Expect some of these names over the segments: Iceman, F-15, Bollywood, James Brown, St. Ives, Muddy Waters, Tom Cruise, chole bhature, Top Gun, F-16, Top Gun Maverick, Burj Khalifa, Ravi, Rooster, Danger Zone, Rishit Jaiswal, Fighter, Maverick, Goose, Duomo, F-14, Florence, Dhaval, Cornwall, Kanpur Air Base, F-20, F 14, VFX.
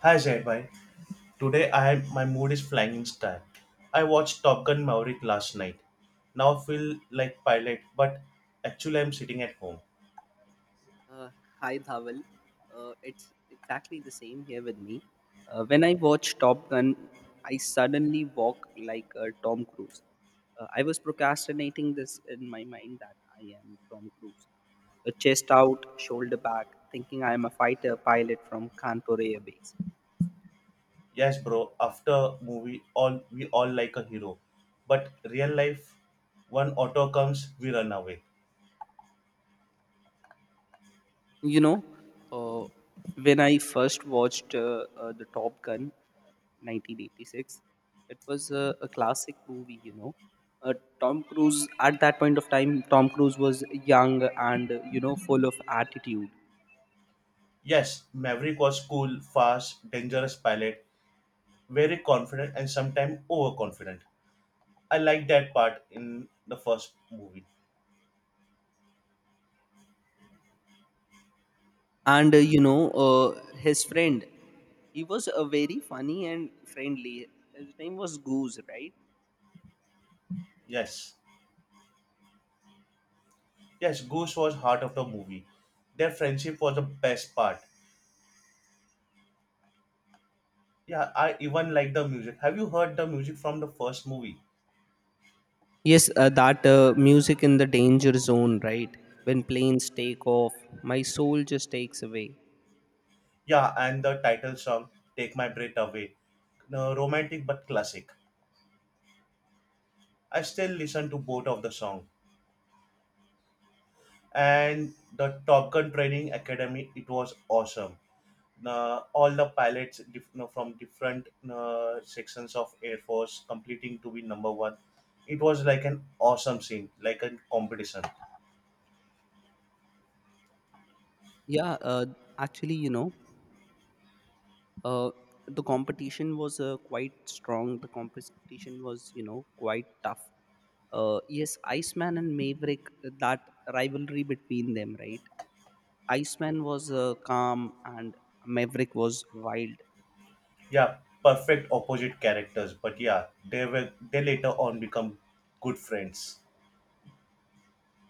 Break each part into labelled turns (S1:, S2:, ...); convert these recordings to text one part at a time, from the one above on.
S1: Hi Zaibai, today I am my mood is flying in style. I watched Top Gun Maverick last night. Now I feel like pilot, but actually I'm sitting at home.
S2: Uh, Hi Dhaval. It's exactly the same here with me. When I watch Top Gun, I suddenly walk like Tom Cruise. I was procrastinating this in my mind that I am Tom Cruise. A chest out, shoulder back, thinking I am a fighter pilot from Kanpur Air Base.
S1: Yes, bro. After movie, all we all like a hero, but real life, one auto comes, we run away.
S2: You know, uh, when I first watched the Top Gun, 1986, it was a classic movie. You know, uh, Tom Cruise at that point of time, Tom Cruise was young and you know, full of attitude,
S1: Yes, Maverick was cool, fast, dangerous pilot, very confident and sometimes overconfident. I like that part in the first movie.
S2: and his friend, he was very funny and friendly. His name was Goose, right?
S1: Yes. Yes, Goose was heart of the movie. Their friendship was the best part. Yeah, I even like the music. Have you heard the music from the first movie?
S2: Yes, that music in the danger zone, right? When planes take off, my soul just takes away.
S1: Yeah, and the title song "Take My Breath Away," no, romantic but classic. I still listen to both of the song. And the Top Gun Training Academy, it was awesome. Now, all the no, from different sections of Air Force completing to be number one. It was like an awesome scene, like a competition.
S2: Yeah, actually, you know, uh, the competition was quite strong. The competition was, you know, quite tough. Yes, Iceman and Maverick, that rivalry between them, right? Iceman was calm and Maverick was wild.
S1: Yeah, perfect opposite characters, but yeah, they later on become good friends.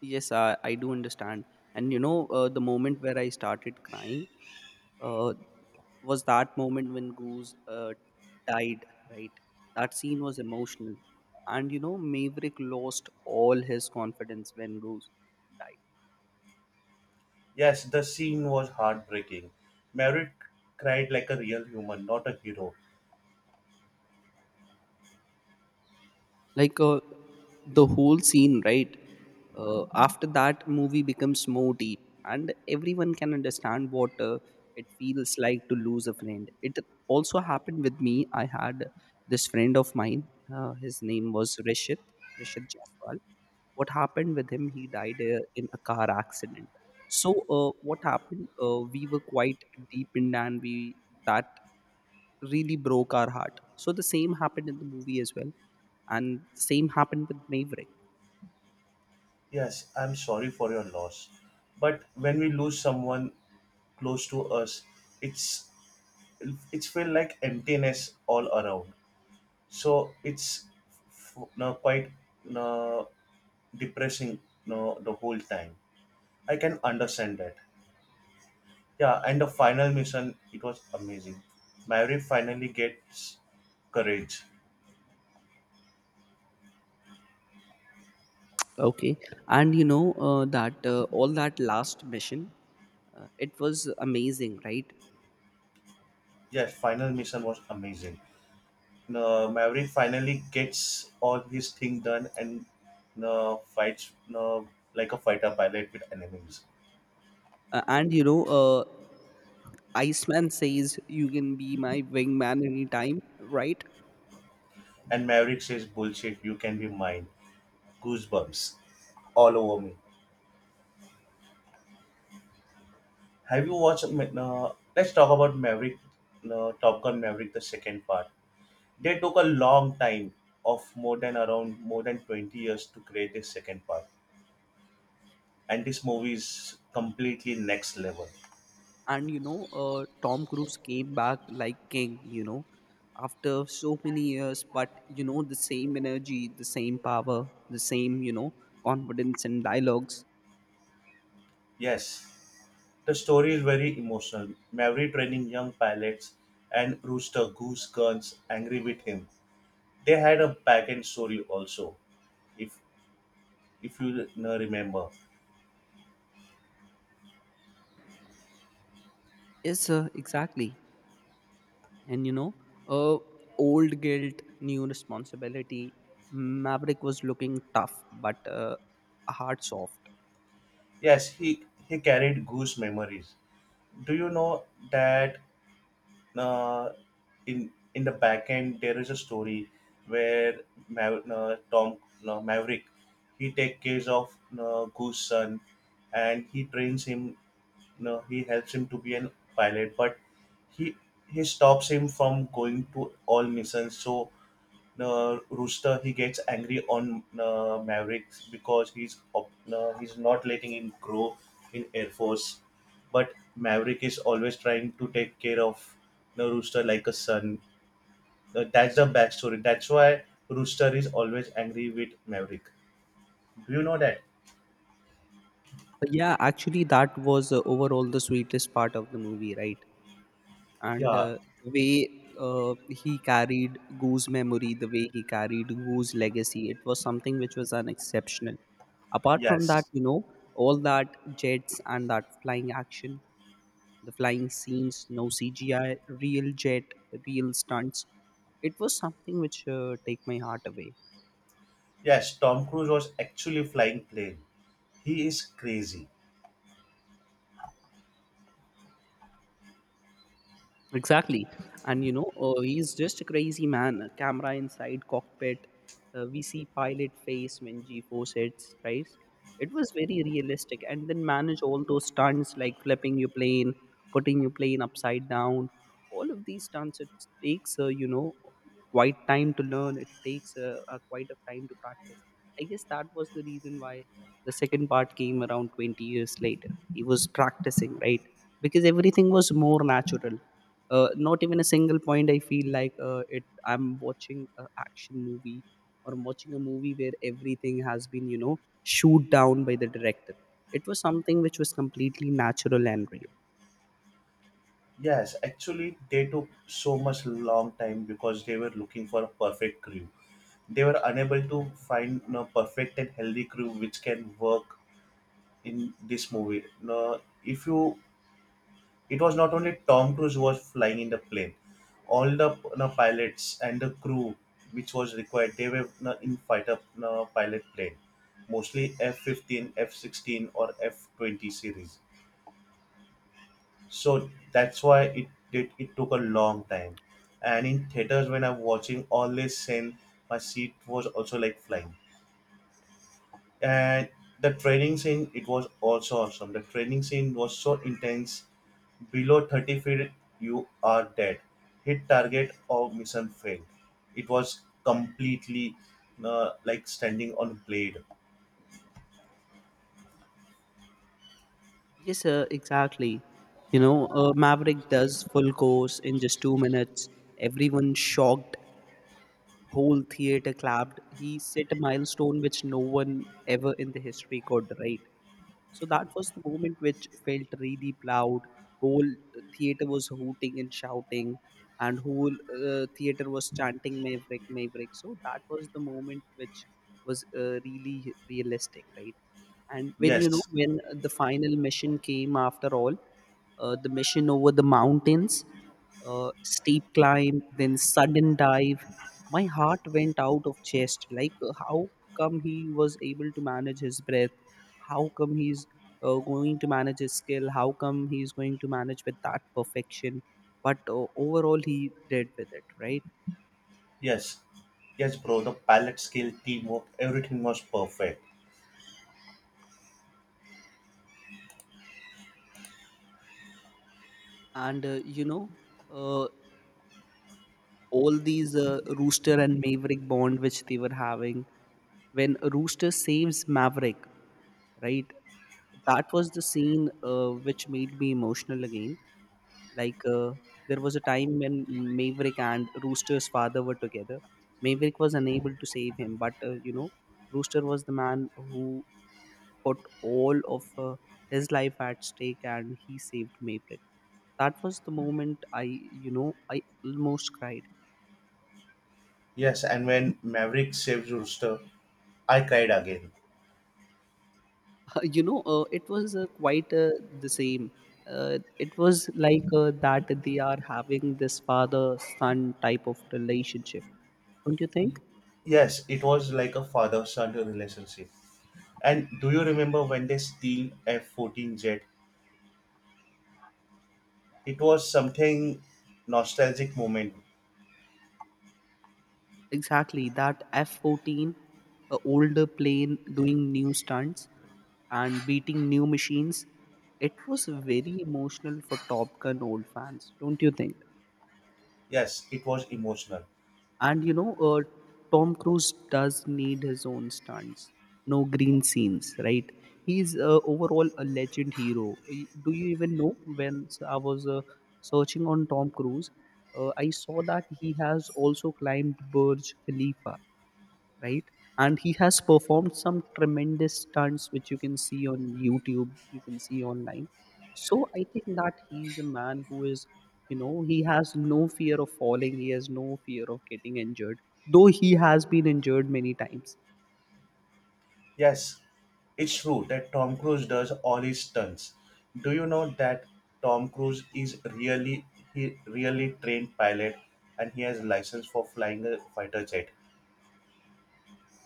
S2: Yes, I do understand. And you know, the moment where I started crying uh, was that moment when Goose died, right? That scene was emotional. And you know, Maverick lost all his confidence when Goose died.
S1: Yes, the scene was heartbreaking. Merritt cried like a real human, not a hero.
S2: Like the whole scene, right? After that, movie becomes more deep and everyone can understand what it feels like to lose a friend. It also happened with me. I had this friend of mine, his name was Rishit. Rishit Jaiswal. What happened with him? He died in a car accident. So what happened? We were quite deep in, and we that really broke our heart. So the same happened in the movie as well, and same happened with Maverick.
S1: Yes, I'm sorry for your loss. But when we lose someone close to us, it's it's feel like emptiness all around. So it's no, quite no, depressing no, the whole time. I can understand that. Yeah, and the final mission, it was amazing. Maverick finally gets courage.
S2: Okay, and you know that all that last mission, it was amazing, right?
S1: Yes, final mission was amazing. No, Maverick finally gets all his thing done and no, fights no, like a fighter pilot with enemies.
S2: And you know, Iceman says you can be my wingman anytime, right?
S1: And Maverick says, "Bullshit, you can be mine." Goosebumps all over me. Have you watched? No, let's talk about Maverick. No, Top Gun Maverick, the second part. They took a long time of more than around more than 20 years to create this second part. And this movie is completely next level.
S2: And you know, Tom Cruise came back like king, you know, after so many years, but you know, the same energy, the same power, the same, you know, confidence and dialogues.
S1: Yes, the story is very emotional. Maverick training young pilots and Rooster Goose Guns angry with him. They had a back end story also, if if you remember.
S2: Yes, exactly. And you know, uh, old guilt, new responsibility. Maverick was looking tough, but heart soft.
S1: Yes, he carried Goose memories. Do you know that uh, in the back end there is a story where Ma- Tom Maverick he takes care of Goose son and he trains him you he helps him to be an pilot but he he stops him from going to all missions so Rooster he gets angry on Mavericks because he's not letting him grow in Air Force, but Maverick is always trying to take care of you Rooster like a son. That's the backstory. That's why Rooster is always angry with Maverick. Do you know that?
S2: But yeah, actually that was overall the sweetest part of the movie, right? And
S1: Yeah.
S2: the way he carried Gu's memory, the way he carried Gu's legacy, it was something which was unexceptional. Apart from
S1: Yes.
S2: that, you know, all that jets and that flying action, the flying scenes, no CGI, real jet, real stunts. It was something which take my heart away.
S1: Yes. Tom Cruise was actually flying plane. He is crazy.
S2: Exactly. And you know, he's just a crazy man. A camera inside cockpit. We see pilot face when G4 hits, right? It was very realistic. And then manage all those stunts like flipping your plane, putting your plane upside down. All of these stunts, it takes, you know, quite time to learn. It takes quite a time to practice. I guess that was the reason why the second part came around 20 years later. He was practicing, right? Because everything was more natural, not even a single point I feel like it I'm watching an action movie or I'm watching a movie where everything has been, you know, shoot down by the director. It was something which was completely natural and real.
S1: Yes, actually, they took so much long time because they were looking for a perfect crew. They were unable to find a perfect and healthy crew which can work in this movie. Now, if you, it was not only Tom Cruise who was flying in the plane, all the you pilots and the crew which was required, they were you in fighter you pilot plane, mostly F 15, F 16, or F 20 series. So that's why it did. It took a long time, and in theaters when I'm watching all this scene, my seat was also like flying and the training scene, it was also awesome. The training scene was so intense, below 30 feet you are dead, hit target or mission failed. It was completely like standing on blade.
S2: Yes sir, exactly. You know, Maverick does full course in just 2 minutes. Everyone shocked, whole theater clapped. He set a milestone which no one ever in the history could, right? So that was the moment which felt really loud. Whole theater was hooting and shouting, and whole theater was chanting Maverick, Maverick. So that was the moment which was really realistic, right? And when, you know,
S1: Yes
S2: when the final mission came after all, the mission over the mountains, steep climb, then sudden dive, my heart went out of chest. Like how come he was able to manage his breath? How come he's going to manage his skill? How come he's going to manage with that perfection? But overall, he did with it, right?
S1: yes yes, bro, the palette skill, teamwork, everything was perfect.
S2: And you know, uh, all these Rooster and Maverick bond which they were having, when Rooster saves Maverick, right? That was the scene which made me emotional again. Like there was a time when Maverick and Rooster's father were together. Maverick was unable to save him, but you know, Rooster was the man who put all of his life at stake and he saved Maverick. That was the moment I, you know, I almost cried.
S1: Yes, and when Maverick saves Rooster, I cried again.
S2: You know, it was quite the same. It was like that they are having this father son type of relationship. Don't you think?
S1: Yes, it was like a father-son relationship. And do you remember when they steal f-14 jet? It was something, nostalgic moment.
S2: Exactly. That F 14, older plane doing new stunts and beating new machines. It was very emotional for Top Gun old fans. Don't you think?
S1: Yes, it was emotional.
S2: And you know, Tom Cruise does need his own stunts. No green scenes, right? He's overall a legend hero. Do you even know when I was searching on Tom Cruise, I saw that he has also climbed Burj Khalifa, right? And he has performed some tremendous stunts which you can see on YouTube, you can see online. So I think that he's a man who is, you know, he has no fear of falling, he has no fear of getting injured, though he has been injured many times.
S1: Yes, it's true that Tom Cruise does all his stunts. Do you know that Tom Cruise is really, he really trained pilot, and he has license for flying a fighter jet,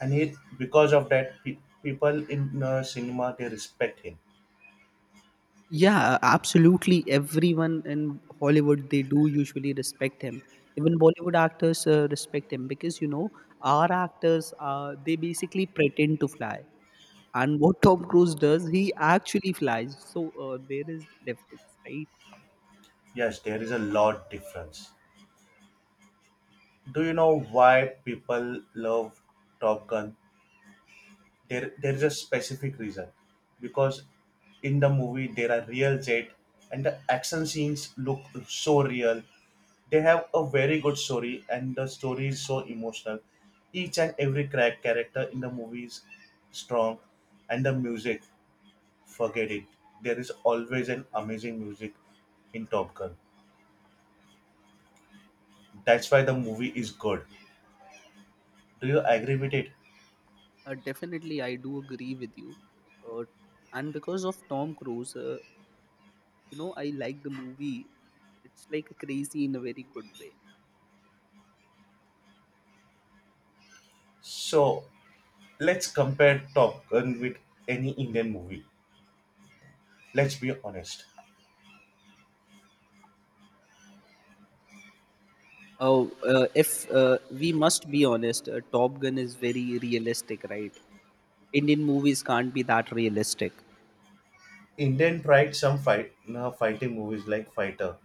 S1: and he because of that people in cinema they respect him.
S2: Yeah, absolutely. Everyone in Hollywood, they do usually respect him. Even Bollywood actors respect him because you know our actors, they basically pretend to fly, and what Tom Cruise does, he actually flies. So there is difference, right?
S1: Yes, there is a lot difference. Do you know why people love Top Gun? There is a specific reason, because in the movie there are real jet and the action scenes look so real. They have a very good story and the story is so emotional. Each and every character in the movie is strong. And the music, forget it, there is always an amazing music in Top Gun. That's why the movie is good. Do you agree with it?
S2: Definitely, I do agree with you. Uh, and because of Tom Cruise, you know, I like the movie. It's like crazy in a very good way.
S1: So let's compare Top Gun with any Indian movie. Let's be honest.
S2: Oh, if we must be honest, Top Gun is very realistic, right? Indian movies can't be that realistic.
S1: Indian tried some fighting movies like Fighter,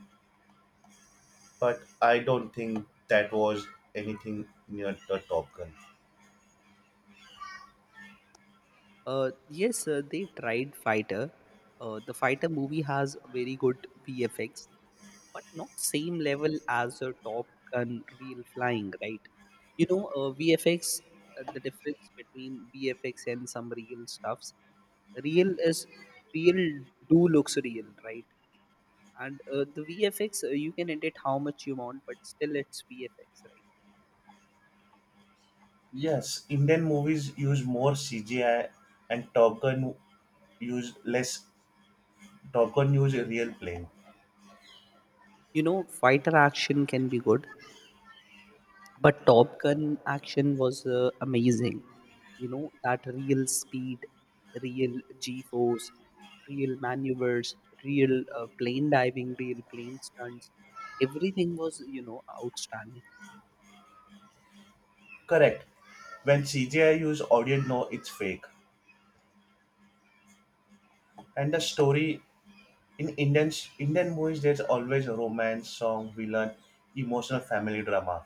S1: but I don't think that was anything near the Top Gun.
S2: Yes, they tried Fighter. The Fighter movie has very good VFX, but not same level as a Top Gun real flying, right? You know, VFX, the difference between VFX and some real stuffs. Real is real, do looks real, right? And the VFX, you can edit how much you want but still it's VFX, right?
S1: Yes, Indian movies use more CGI and Top Gun use less. Top Gun use a real plane.
S2: You know, fighter action can be good, but Top Gun action was amazing. You know, that real speed, real G force, real maneuvers, real plane diving, real plane stunts. Everything was, you know, outstanding.
S1: Correct. When CGI use audience know it's fake. And the story in Indian movies there's always a romance, song, villain, emotional family drama.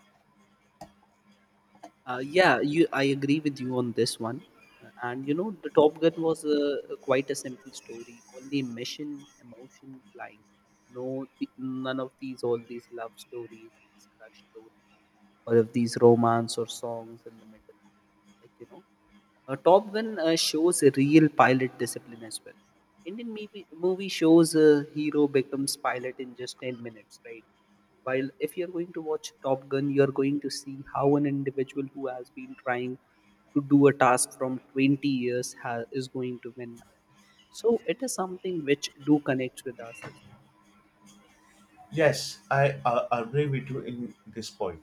S2: Yeah, you. I agree with you on this one. And you know, the Top Gun was a quite a simple story. Only mission, emotion, flying. No, none of these, all these love stories, these crush stories, or of these romance or songs in the middle. Like you know, Top Gun shows a real pilot discipline as well. Indian movie shows a hero becomes pilot in just 10 minutes, right? While if you're going to watch Top Gun, you're going to see how an individual who has been trying to do a task from 20 years is going to win. So it is something which do connects with us as
S1: Yes, I agree with you in this point.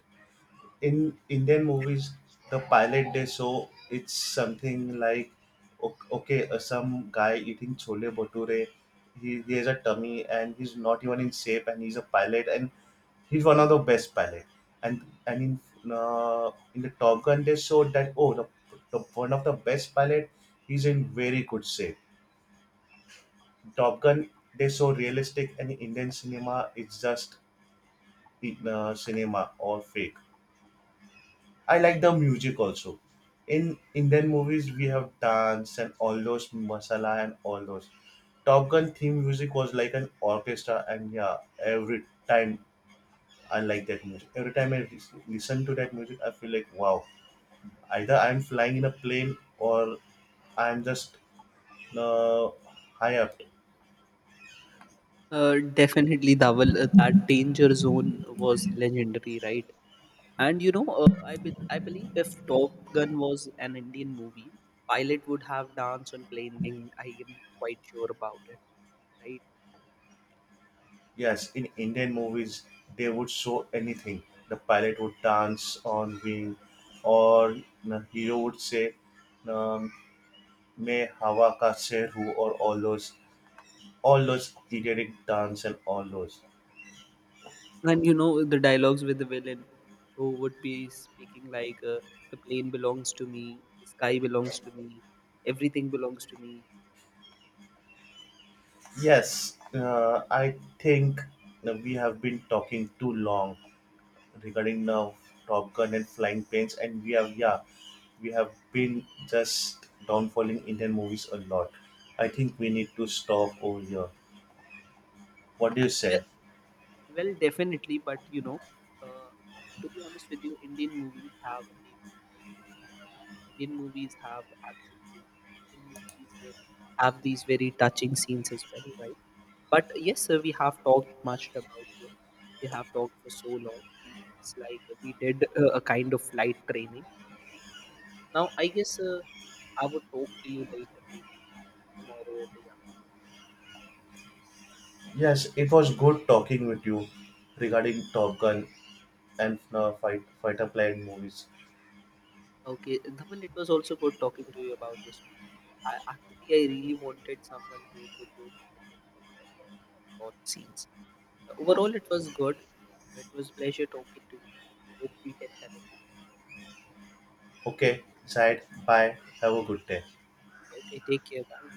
S1: In Indian movies, the pilot they show it's something like okay, some guy eating chole bhature, he has a tummy and he's not even in shape and he's a pilot and he's one of the best pilot. And in in the Top Gun they showed that oh the one of the best pilot, he's in very good shape. Top Gun they show realistic and Indian cinema is just cinema or fake. I like the music also. In Indian movies, we have dance and all those masala and all those. Top Gun theme music was like an orchestra, and yeah, every time I like that music. Every time I listen to that music, I feel like wow. Either I'm flying in a plane or I'm just uh, high up.
S2: well. Definitely, Dhaval, that danger zone was legendary, right? And you know, I believe if Top Gun was an Indian movie, pilot would have dance on plane thing. I am quite sure about it, right?
S1: Yes, in Indian movies, they would show anything. The pilot would dance on wing, or the hero would say, uh, May, Hava Ka Se hu or all those periodic dance and all those.
S2: And you know the dialogues with the villain, who would be speaking like, "The plane belongs to me, the sky belongs to me, everything belongs to me."
S1: Yes, I think that we have been talking too long regarding now Top Gun and flying planes, and we have yeah, we have been just downfalling Indian movies a lot. I think we need to stop over here. What do you
S2: Well,
S1: say?
S2: Well, definitely, but you know, uh, to be honest with you, Indian movies have deep emotions too. Indian movies have action too. Indian movies have these very touching scenes as well, right? But yes, we have talked much about it. We have talked for so long. It's like we did a kind of light training. Now, I guess I would talk to you later, maybe tomorrow or day after.
S1: Yes, it was good talking with you regarding Top Gun and fighter plane movies.
S2: Okay, Dhaval, it was also good talking to you about this movie. I really wanted someone who could do like the plot scenes. Overall, it was good. It was pleasure talking to you. Hope we can connect later.
S1: Okay, Zaid, bye. Have a good day.
S2: Okay, take care. Bye.